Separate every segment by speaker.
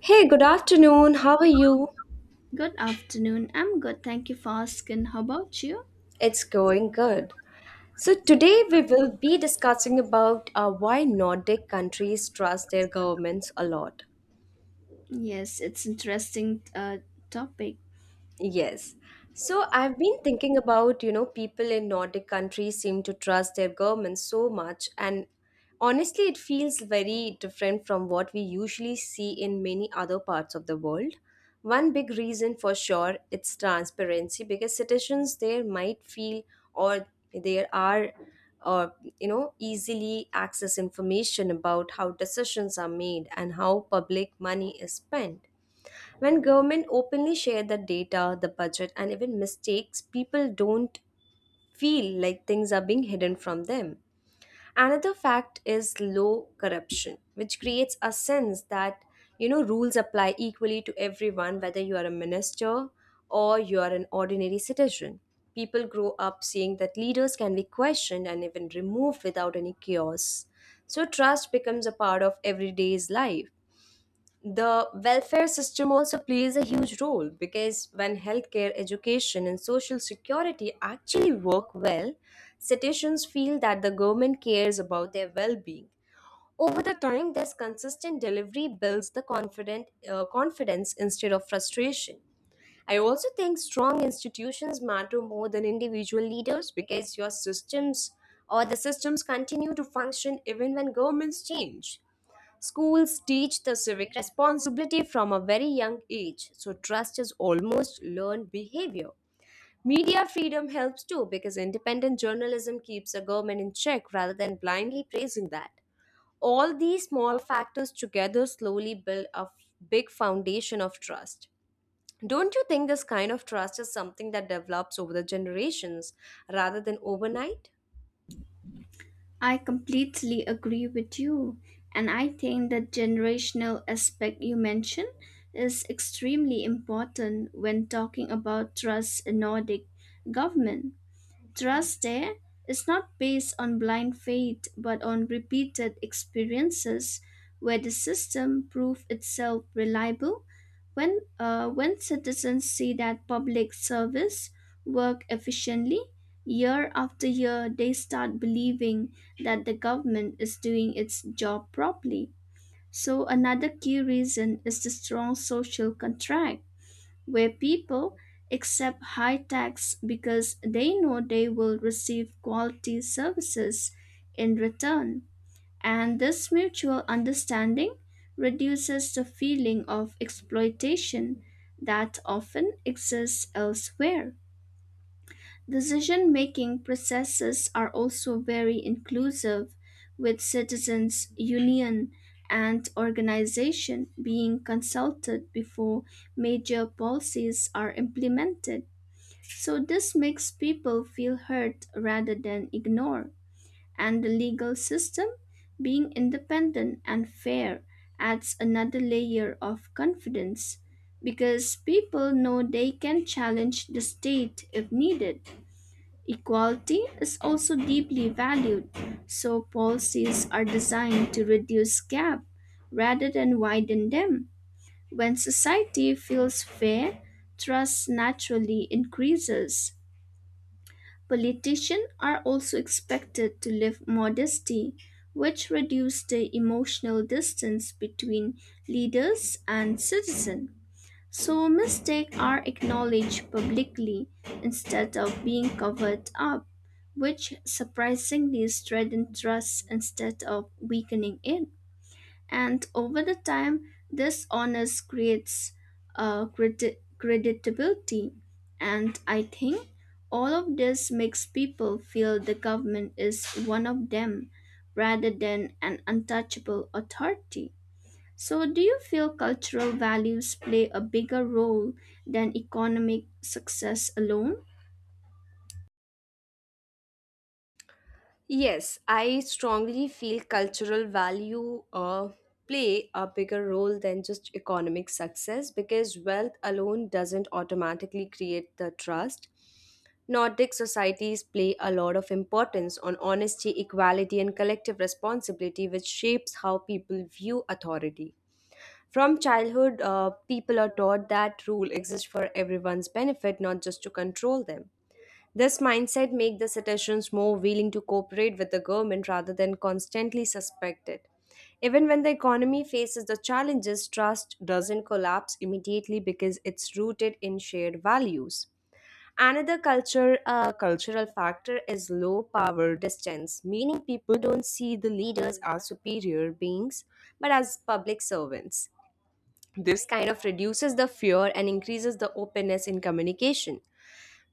Speaker 1: Hey, good afternoon. How are you?
Speaker 2: Good afternoon. I'm good. Thank you for asking. How about you?
Speaker 1: It's going good. So today we will be discussing about why Nordic countries trust their governments a lot.
Speaker 2: Yes, it's interesting topic.
Speaker 1: Yes. So I've been thinking about, you know, people in Nordic countries seem to trust their governments so much. And honestly, it feels very different from what we usually see in many other parts of the world. One big reason for sure it's transparency because citizens there might feel or there are or you know easily access information about how decisions are made and how public money is spent when government openly share the data, the budget, and even mistakes, people don't feel like things are being hidden from them. Another fact is low corruption, which creates a sense that you know rules apply equally to everyone, whether you are a minister or you are an ordinary citizen. People grow up seeing that leaders can be questioned and even removed without any chaos. So trust becomes a part of everyday's life the welfare system also plays a huge role because when healthcare, education, and social security actually work well, citizens feel that the government cares about their well being. Over the time, this consistent delivery builds the confidence instead of frustration. I also think strong institutions matter more than individual leaders because your systems or the systems continue to function even when governments change. Schools teach the civic responsibility from a very young age, so trust is almost learned behavior. Media freedom helps too because independent journalism keeps the government in check rather than blindly praising that. All these small factors together slowly build big foundation of trust. Don't you think this kind of trust is something that develops over the generations rather than overnight?
Speaker 2: I completely agree with you, and I think the generational aspect you mentioned is extremely important when talking about trust in Nordic government. Trust there is not based on blind faith but on repeated experiences where the system proved itself reliable. When citizens see that public service work efficiently, year after year they start believing that the government is doing its job properly. So another key reason is the strong social contract where people accept high tax because they know they will receive quality services in return. And this mutual understanding reduces the feeling of exploitation that often exists elsewhere. Decision making processes are also very inclusive, with citizens, union, and organization being consulted before major policies are implemented. So this makes people feel heard rather than ignored. And the legal system, being independent and fair, adds another layer of confidence because people know they can challenge the state if needed. Equality is also deeply valued, so policies are designed to reduce gaps rather than widen them. When society feels fair, trust naturally increases. Politicians are also expected to live modesty, which reduces the emotional distance between leaders and citizens. So mistakes are acknowledged publicly instead of being covered up, which surprisingly strengthens trust instead of weakening it. And over the time, this honors creates creditability. And I think all of this makes people feel the government is one of them rather than an untouchable authority. So, do you feel cultural values play a bigger role than economic success alone?
Speaker 1: Yes, I strongly feel cultural value play a bigger role than just economic success because wealth alone doesn't automatically create the trust. Nordic societies play a lot of importance on honesty, equality, and collective responsibility, which shapes how people view authority. From childhood, people are taught that rule exists for everyone's benefit, not just to control them. This mindset makes the citizens more willing to cooperate with the government rather than constantly suspect it. Even when the economy faces the challenges, trust doesn't collapse immediately because it's rooted in shared values. Another cultural factor is low power distance, meaning people don't see the leaders as superior beings but as public servants. This kind of reduces the fear and increases the openness in communication.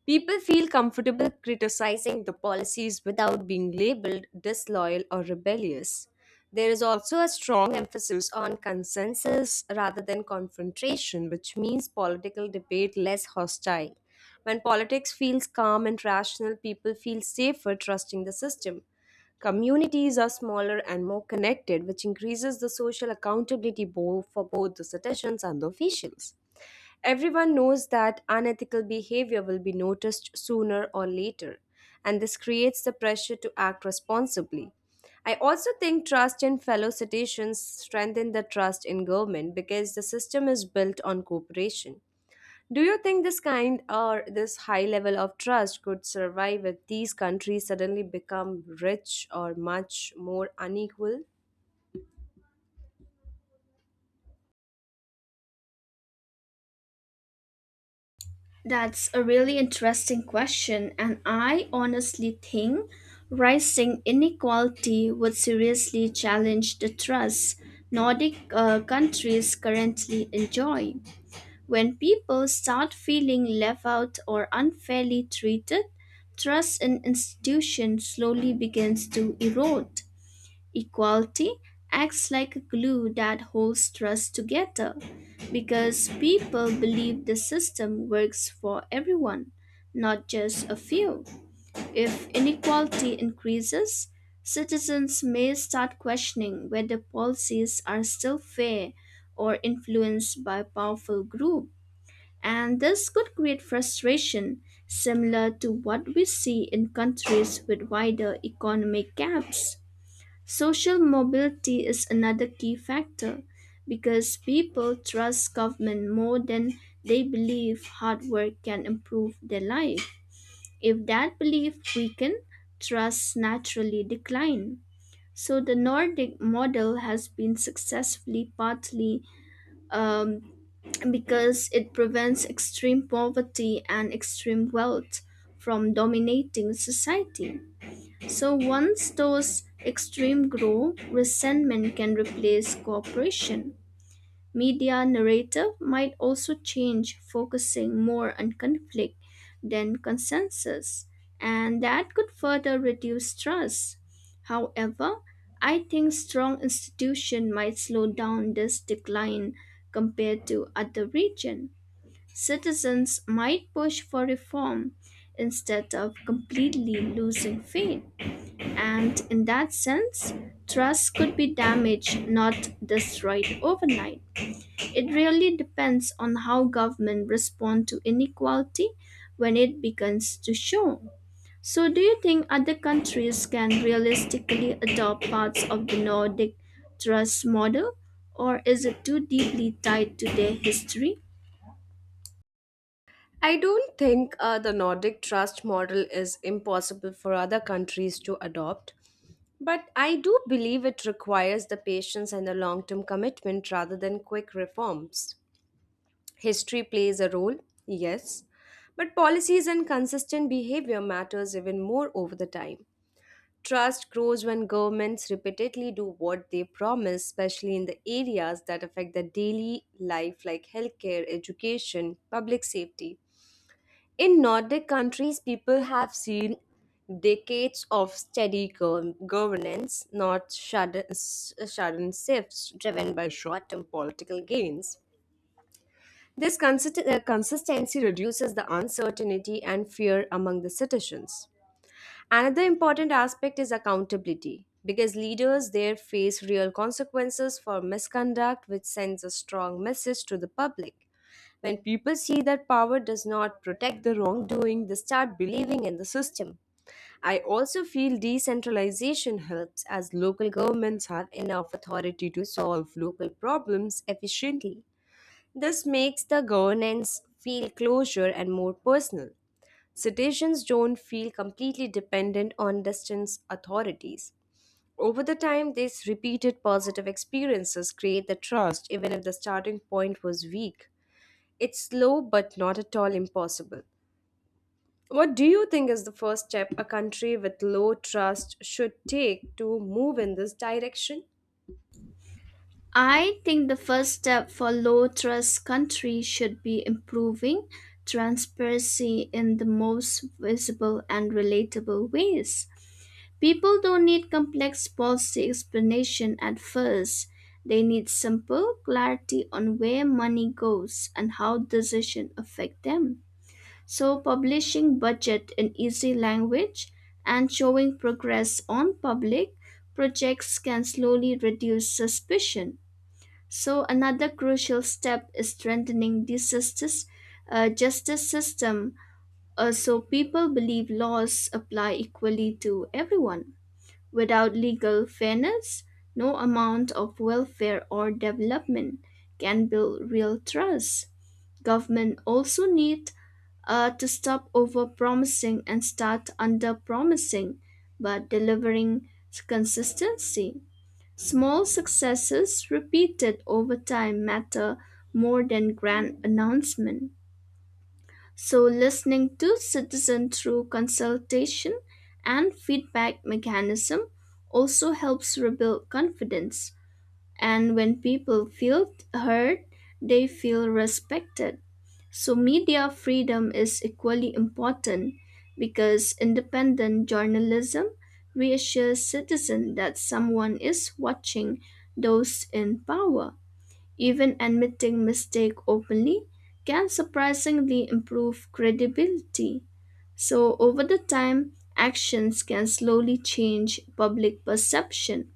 Speaker 1: People feel comfortable criticizing the policies without being labeled disloyal or rebellious. There is also a strong emphasis on consensus rather than confrontation, which means political debate less hostile. When politics feels calm and rational, people feel safer trusting the system. Communities are smaller and more connected, which increases the social accountability for both the citizens and the officials. Everyone knows that unethical behavior will be noticed sooner or later, and this creates the pressure to act responsibly. I also think trust in fellow citizens strengthen the trust in government because the system is built on cooperation. Do you think this kind or this high level of trust could survive if these countries suddenly become rich or much more unequal?
Speaker 2: That's a really interesting question, and I honestly think rising inequality would seriously challenge the trust Nordic countries currently enjoy. When people start feeling left out or unfairly treated, trust in institutions slowly begins to erode. Equality acts like a glue that holds trust together because people believe the system works for everyone, not just a few. If inequality increases, citizens may start questioning whether policies are still fair or influenced by powerful groups. And this could create frustration similar to what we see in countries with wider economic gaps. Social mobility is another key factor because people trust government more than they believe hard work can improve their life. If that belief weaken, trust naturally decline. So the Nordic model has been successfully partly um, because it prevents extreme poverty and extreme wealth from dominating society. So once those extreme grow, resentment can replace cooperation. Media narrative might also change, focusing more on conflict than consensus, and that could further reduce trust. However, I think strong institution might slow down this decline compared to other region. Citizens might push for reform instead of completely losing faith, and in that sense, trust could be damaged, not destroyed overnight. It really depends on how government respond to inequality when it begins to show. So, do you think other countries can realistically adopt parts of the Nordic trust model, or is it too deeply tied to their history?
Speaker 1: I don't think the Nordic trust model is impossible for other countries to adopt. But I do believe it requires the patience and the long term commitment rather than quick reforms. History plays a role, yes, but policies and consistent behavior matters even more over the time. Trust grows when governments repeatedly do what they promise, especially in the areas that affect the daily life like healthcare, education, public safety. In Nordic countries, people have seen decades of steady governance, not sudden shifts driven by short term political gains. This consistency reduces the uncertainty and fear among the citizens. Another important aspect is accountability because leaders there face real consequences for misconduct, which sends a strong message to the public. When people see that power does not protect the wrongdoing, they start believing in the system. I also feel decentralization helps as local governments have enough authority to solve local problems efficiently. This makes the governance feel closer and more personal. Citizens don't feel completely dependent on distant authorities. Over the time, these repeated positive experiences create the trust even if the starting point was weak. It's slow but not at all impossible. What do you think is the first step a country with low trust should take to move in this direction?
Speaker 2: I think the first step for low trust countries should be improving transparency in the most visible and relatable ways. People don't need complex policy explanation at first. They need simple clarity on where money goes and how decisions affect them. So publishing budget in easy language and showing progress on public projects can slowly reduce suspicion. So another crucial step is strengthening the justice system so people believe laws apply equally to everyone. Without legal fairness, no amount of welfare or development can build real trust. Government also need to stop over-promising and start under-promising, but delivering consistency. Small successes repeated over time matter more than grand announcements. So, listening to citizens through consultation and feedback mechanism also helps rebuild confidence. And when people feel heard, they feel respected. So, media freedom is equally important because independent journalism reassures citizens that someone is watching those in power. Even admitting mistake openly can surprisingly improve credibility. So, over the time, actions can slowly change public perception.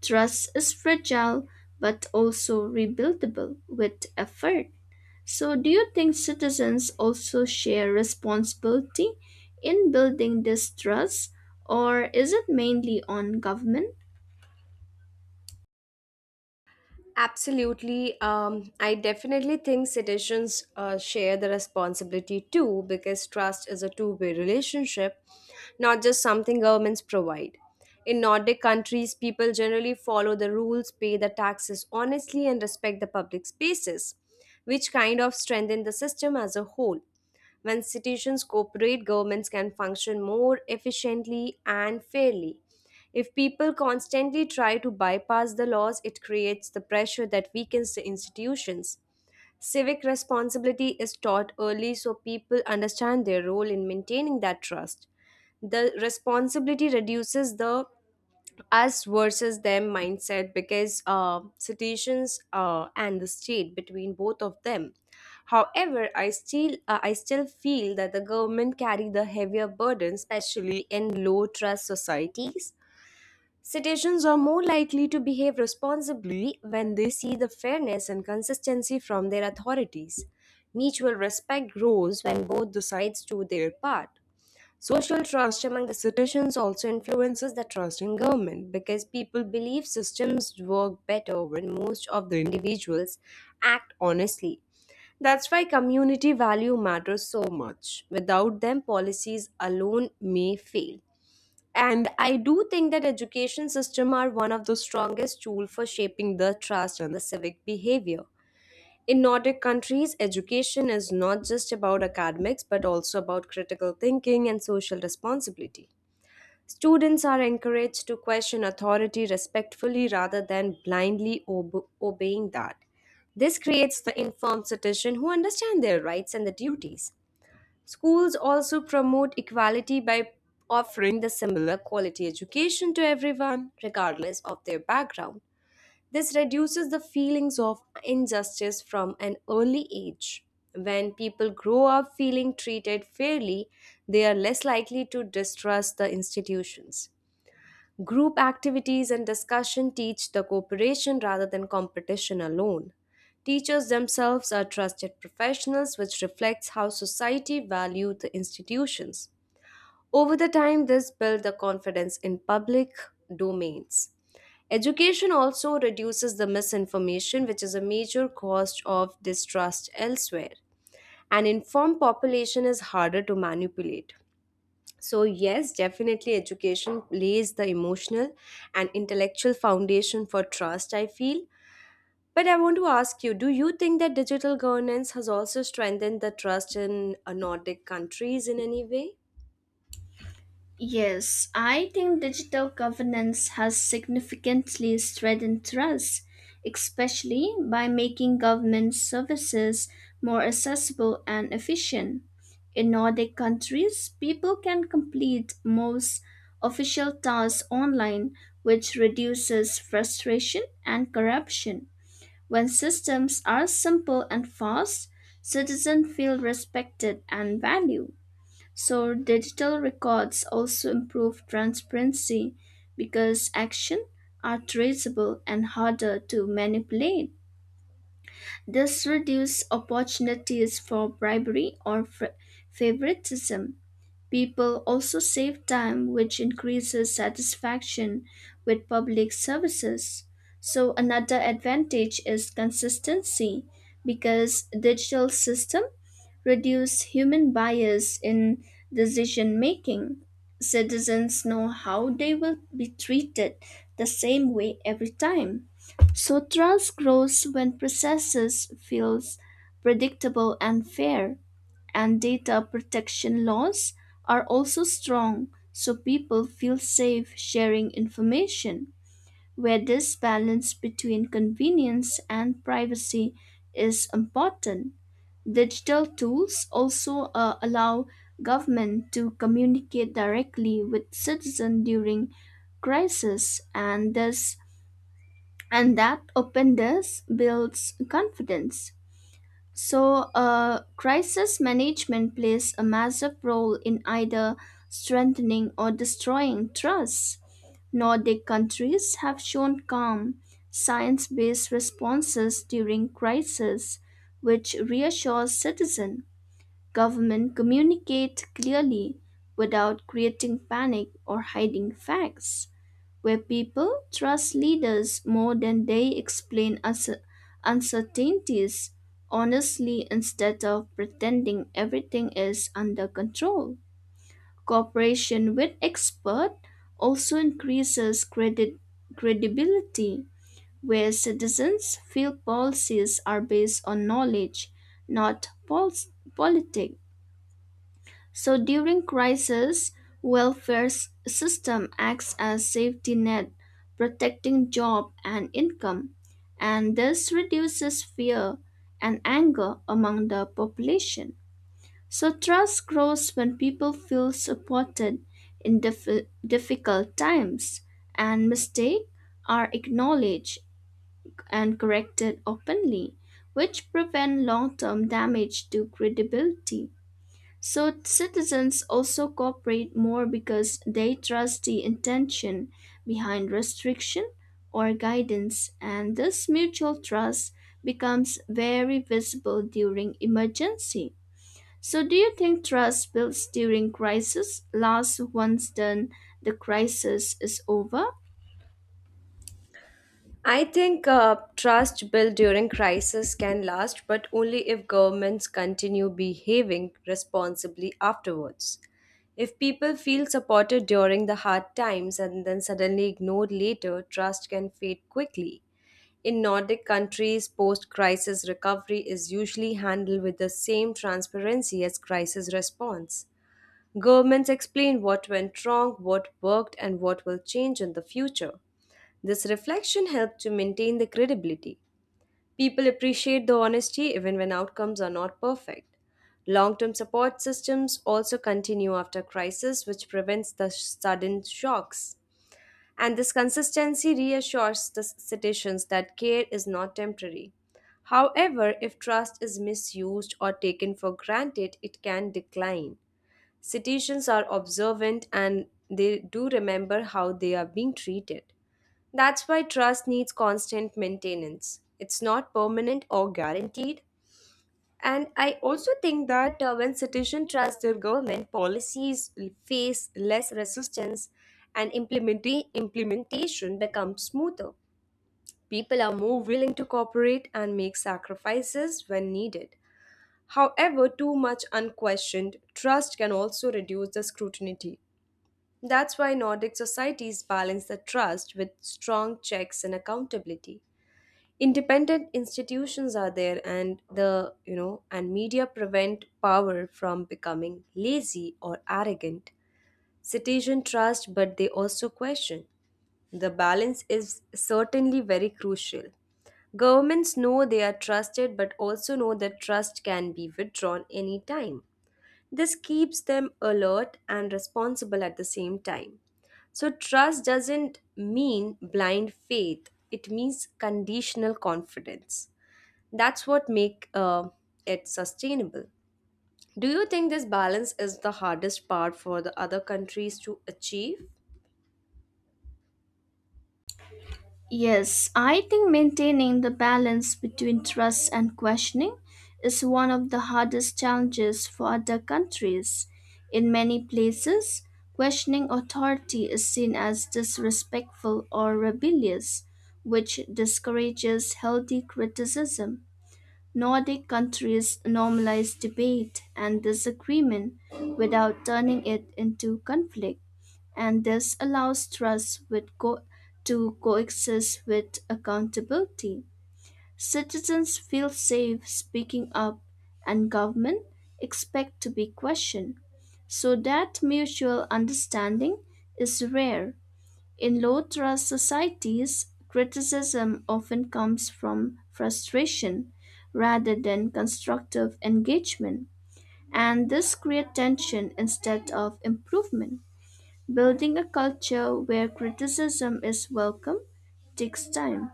Speaker 2: Trust is fragile but also rebuildable with effort. So, do you think citizens also share responsibility in building this trust, or is it mainly on government?
Speaker 1: Absolutely. I definitely think citizens share the responsibility too because trust is a two-way relationship, not just something governments provide. In Nordic countries, people generally follow the rules, pay the taxes honestly, and respect the public spaces, which kind of strengthen the system as a whole. When institutions cooperate, governments can function more efficiently and fairly. If people constantly try to bypass the laws, it creates the pressure that weakens the institutions. Civic responsibility is taught early so people understand their role in maintaining that trust. The responsibility reduces the us versus them mindset because situations and the state between both of them. However, I still feel that the government carry the heavier burden, especially in low trust societies. Citizens are more likely to behave responsibly when they see the fairness and consistency from their authorities. Mutual respect grows when both the sides do their part. Social trust among the citizens also influences the trust in government because people believe systems work better when most of the individuals act honestly. That's why community value matters so much. Without them, policies alone may fail. And I do think that education system are one of the strongest tool for shaping the trust and the civic behavior. In Nordic countries, education is not just about academics but also about critical thinking and social responsibility. Students are encouraged to question authority respectfully rather than blindly obeying that. This creates the informed citizen who understand their rights and the duties. Schools also promote equality by offering the similar quality education to everyone, regardless of their background. This reduces the feelings of injustice from an early age. When people grow up feeling treated fairly, they are less likely to distrust the institutions. Group activities and discussion teach the cooperation rather than competition alone. Teachers themselves are trusted professionals, which reflects how society values the institutions. Over the time, this builds the confidence in public domains. Education also reduces the misinformation, which is a major cause of distrust elsewhere. An informed population is harder to manipulate. So, yes, definitely education lays the emotional and intellectual foundation for trust, I feel. But I want to ask you do you think that digital governance has also strengthened the trust in Nordic countries in any way?
Speaker 2: Yes, I think digital governance has significantly strengthened trust, especially by making government services more accessible and efficient. In Nordic countries, people can complete most official tasks online, which reduces frustration and corruption. When systems are simple and fast, citizens feel respected and valued. So, digital records also improve transparency because actions are traceable and harder to manipulate. This reduces opportunities for bribery or favoritism. People also save time, which increases satisfaction with public services. So, another advantage is consistency because digital system reduce human bias in decision making. Citizens know how they will be treated the same way every time. So trust grows when processes feels predictable and fair, and data protection laws are also strong so people feel safe sharing information. Where this balance between convenience and privacy is important, digital tools also allow government to communicate directly with citizens during crisis, and thus and that openness builds confidence. So, crisis management plays a massive role in either strengthening or destroying trust. Nordic countries have shown calm, science based responses during crisis, which reassures citizens. Government communicate clearly without creating panic or hiding facts, where people trust leaders more than they explain uncertainties honestly instead of pretending everything is under control. Cooperation with expert also increases credit credibility where citizens feel policies are based on knowledge, not politics. So during crisis, system acts as safety net, protecting job and income, and this reduces fear and anger among the population. So trust grows when people feel supported in difficult times, and mistakes are acknowledged and corrected openly, which prevent long-term damage to credibility. So citizens also cooperate more because they trust the intention behind restriction or guidance, and this mutual trust becomes very visible during emergency. So, do you think trust built during crisis lasts once then the crisis is over?
Speaker 1: I think trust built during crisis can last, but only if governments continue behaving responsibly afterwards. If people feel supported during the hard times and then suddenly ignored later, trust can fade quickly. In Nordic countries, post crisis recovery is usually handled with the same transparency as crisis response. Governments explain what went wrong, what worked, and what will change in the future. This reflection helped to maintain the credibility. People appreciate the honesty even when outcomes are not perfect. Long term support systems also continue after crisis, which prevents the sudden shocks. And this consistency reassures the citizens that care is not temporary. However, if trust is misused or taken for granted, it can decline. Citizens are observant and they do remember how they are being treated. That's why trust needs constant maintenance. It's not permanent or guaranteed. And I also think that when citizens trust their government, policies face less resistance and implementation becomes smoother. People are more willing to cooperate and make sacrifices when needed. However, too much unquestioned trust can also reduce the scrutiny that's why Nordic societies balance the trust with strong checks and accountability. Independent institutions are there and the you know and media prevent power from becoming lazy or arrogant. Citizen trust but they also question. The balance is certainly very crucial. Governments know they are trusted but also know that trust can be withdrawn anytime. This keeps them alert and responsible at the same time. So, trust doesn't mean blind faith, it means conditional confidence. That's what makes it sustainable. Do you think this balance is the hardest part for the other countries to achieve?
Speaker 2: Yes, I think maintaining the balance between trust and questioning is one of the hardest challenges for other countries. In many places, questioning authority is seen as disrespectful or rebellious, which discourages healthy criticism. Nordic countries normalize debate and disagreement without turning it into conflict, and this allows trust to coexist with accountability. Citizens feel safe speaking up, and government expect to be questioned. So that mutual understanding is rare. In low trust societies, criticism often comes from frustration rather than constructive engagement, and this creates tension instead of improvement. Building a culture where criticism is welcome takes time.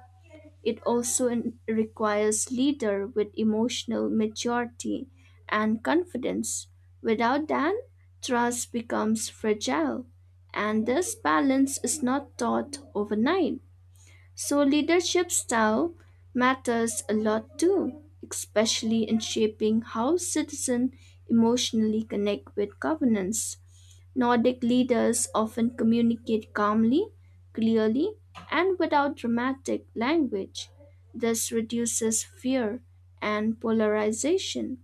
Speaker 2: It also requires leader with emotional maturity and confidence. Without that, trust becomes fragile, and this balance is not taught overnight. So, leadership style matters a lot too, especially in shaping how citizens emotionally connect with governance. Nordic leaders often communicate calmly, clearly, and without dramatic language. This reduces fear and polarization,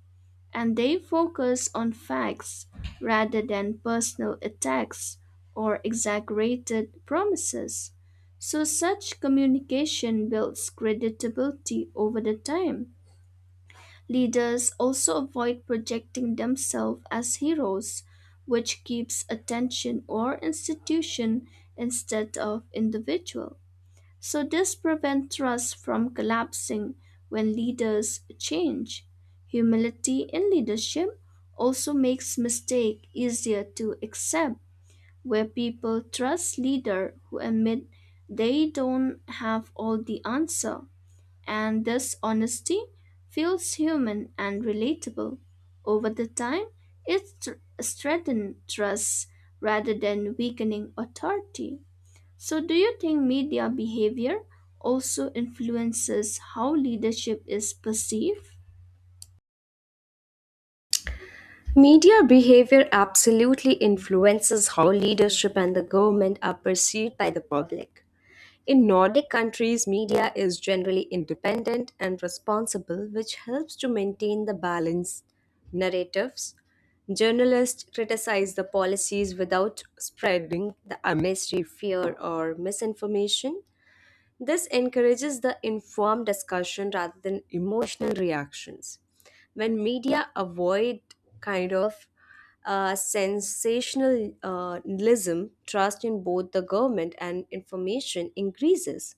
Speaker 2: and they focus on facts rather than personal attacks or exaggerated promises. So, such communication builds credibility over the time. Leaders also avoid projecting themselves as heroes, which keeps attention or institution instead of individual. So, this prevents trust from collapsing when leaders change. Humility in leadership also makes mistake easier to accept, where people trust leaders who admit they don't have all the answer, and this honesty feels human and relatable. Over the time, it tr- strengthens trust rather than weakening authority. So, do you think media behavior also influences how leadership is perceived?
Speaker 1: Media behavior absolutely influences how leadership and the government are perceived by the public. In Nordic countries, media is generally independent and responsible, which helps to maintain the balance. Narratives Journalists criticize the policies without spreading the unnecessary fear or misinformation. This encourages the informed discussion rather than emotional reactions. When media avoid kind of sensationalism, trust in both the government and information increases.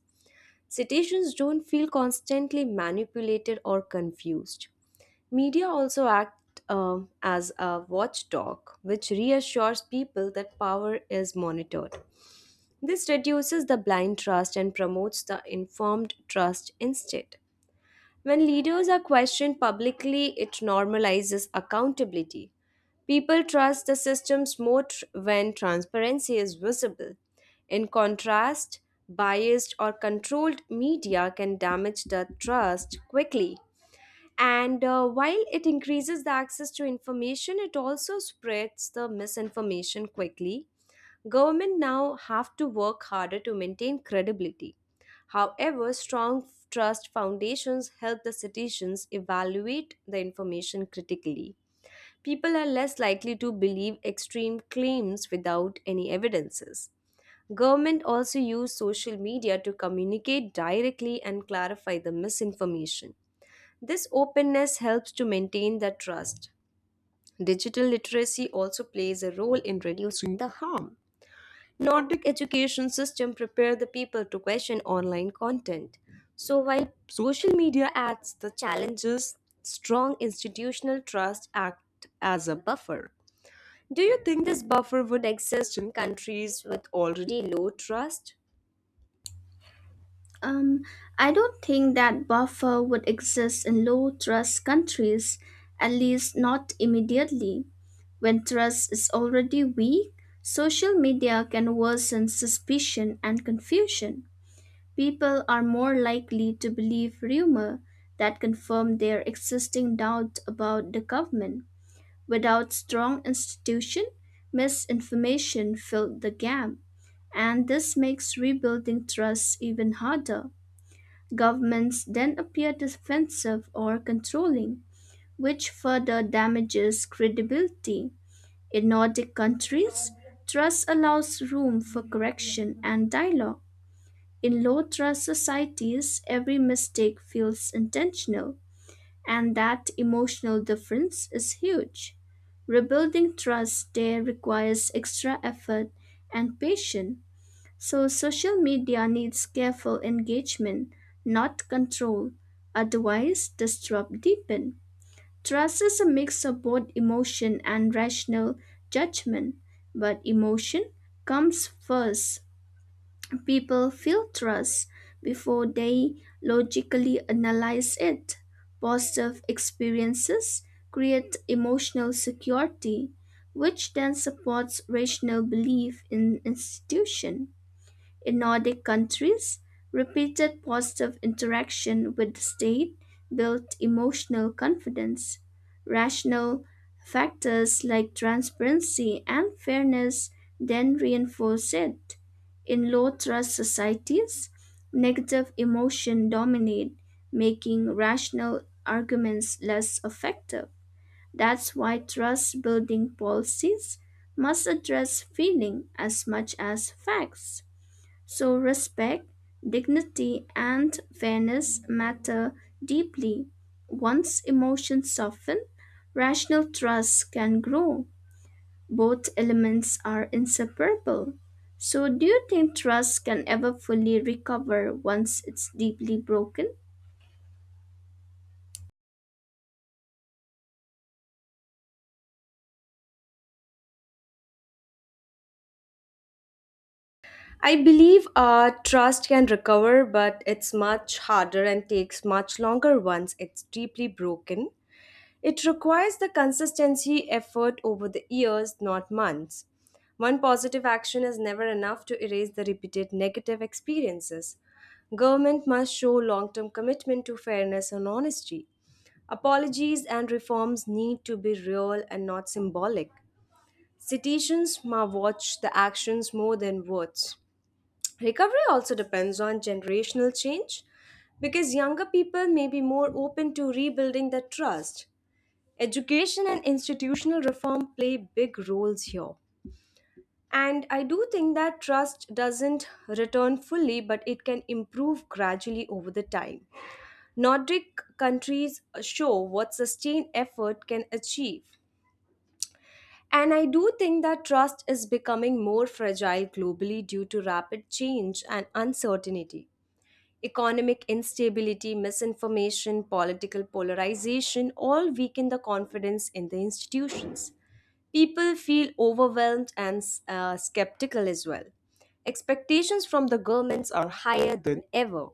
Speaker 1: Citizens don't feel constantly manipulated or confused. Media also act as a watchdog, which reassures people that power is monitored. This reduces the blind trust and promotes the informed trust instead. When leaders are questioned publicly, it normalizes accountability. People trust the systems when transparency is visible. In contrast, biased or controlled media can damage the trust quickly. And while it increases the access to information, it also spreads the misinformation quickly Government now have to work harder to maintain credibility. However, strong trust foundations help the citizens evaluate the information critically. People are less likely to believe extreme claims without any evidences. Government also use social media to communicate directly and clarify the misinformation. This openness helps to maintain the trust. Digital literacy also plays a role in reducing the harm. Nordic education system prepare the people to question online content. So while social media adds the challenges, strong institutional trust act as a buffer. Do you think this buffer would exist in countries with already low trust?
Speaker 2: Um, I don't think that buffer would exist in low trust countries, at least not immediately. When trust is already weak, social media can worsen suspicion and confusion. People are more likely to believe rumor that confirm their existing doubt about the government. Without strong institution, misinformation filled the gap, and this makes rebuilding trust even harder. Governments then appear defensive or controlling, which further damages credibility. In Nordic countries, trust allows room for correction and dialogue. In low trust societies, every mistake feels intentional, and that emotional difference is huge. Rebuilding trust there requires extra effort and patience. So social media needs careful engagement, not control. Otherwise, the struggle deepen. Trust is a mix of both emotion and rational judgment, but emotion comes first. People feel trust before they logically analyze it. Positive experiences create emotional security, which then supports rational belief in institution. In Nordic countries, repeated positive interaction with the state built emotional confidence. Rational factors like transparency and fairness then reinforce it. In low trust societies, negative emotion dominate, making rational arguments less effective. That's why trust building policies must address feeling as much as facts. So, respect, dignity, and fairness matter deeply. Once emotions soften, rational trust can grow. Both elements are inseparable. So, do you think trust can ever fully recover once it's deeply broken?
Speaker 1: I believe trust can recover, but it's much harder and takes much longer once it's deeply broken. It requires the consistency effort over the years, not months. One positive action is never enough to erase the repeated negative experiences. Government must show long term commitment to fairness and honesty. Apologies and reforms need to be real and not symbolic. Citizens must watch the actions more than words. Recovery also depends on generational change because younger people may be more open to rebuilding the trust. Education and institutional reform play big roles here. And I do think that trust doesn't return fully, but it can improve gradually over the time. Nordic countries show what sustained effort can achieve. And I do think that trust is becoming more fragile globally due to rapid change and uncertainty. Economic instability, misinformation, political polarization all weaken the confidence in the institutions. People feel overwhelmed and skeptical as well. Expectations from the governments are higher than ever.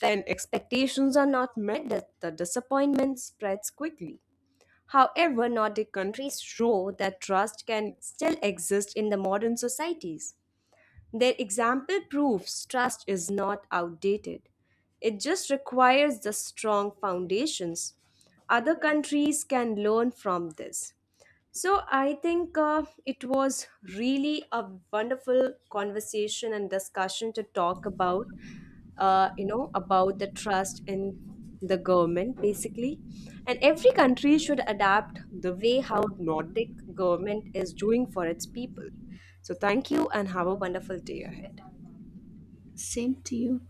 Speaker 1: When expectations are not met, the disappointment spreads quickly. However, Nordic countries show that trust can still exist in the modern societies. Their example proves trust is not outdated. It just requires the strong foundations. Other countries can learn from this. So I think it was really a wonderful conversation and discussion to talk about, you know, about the trust in the government basically, and every country should adapt the way how Nordic government is doing for its people. So thank you and have a wonderful day ahead.
Speaker 2: Same to you.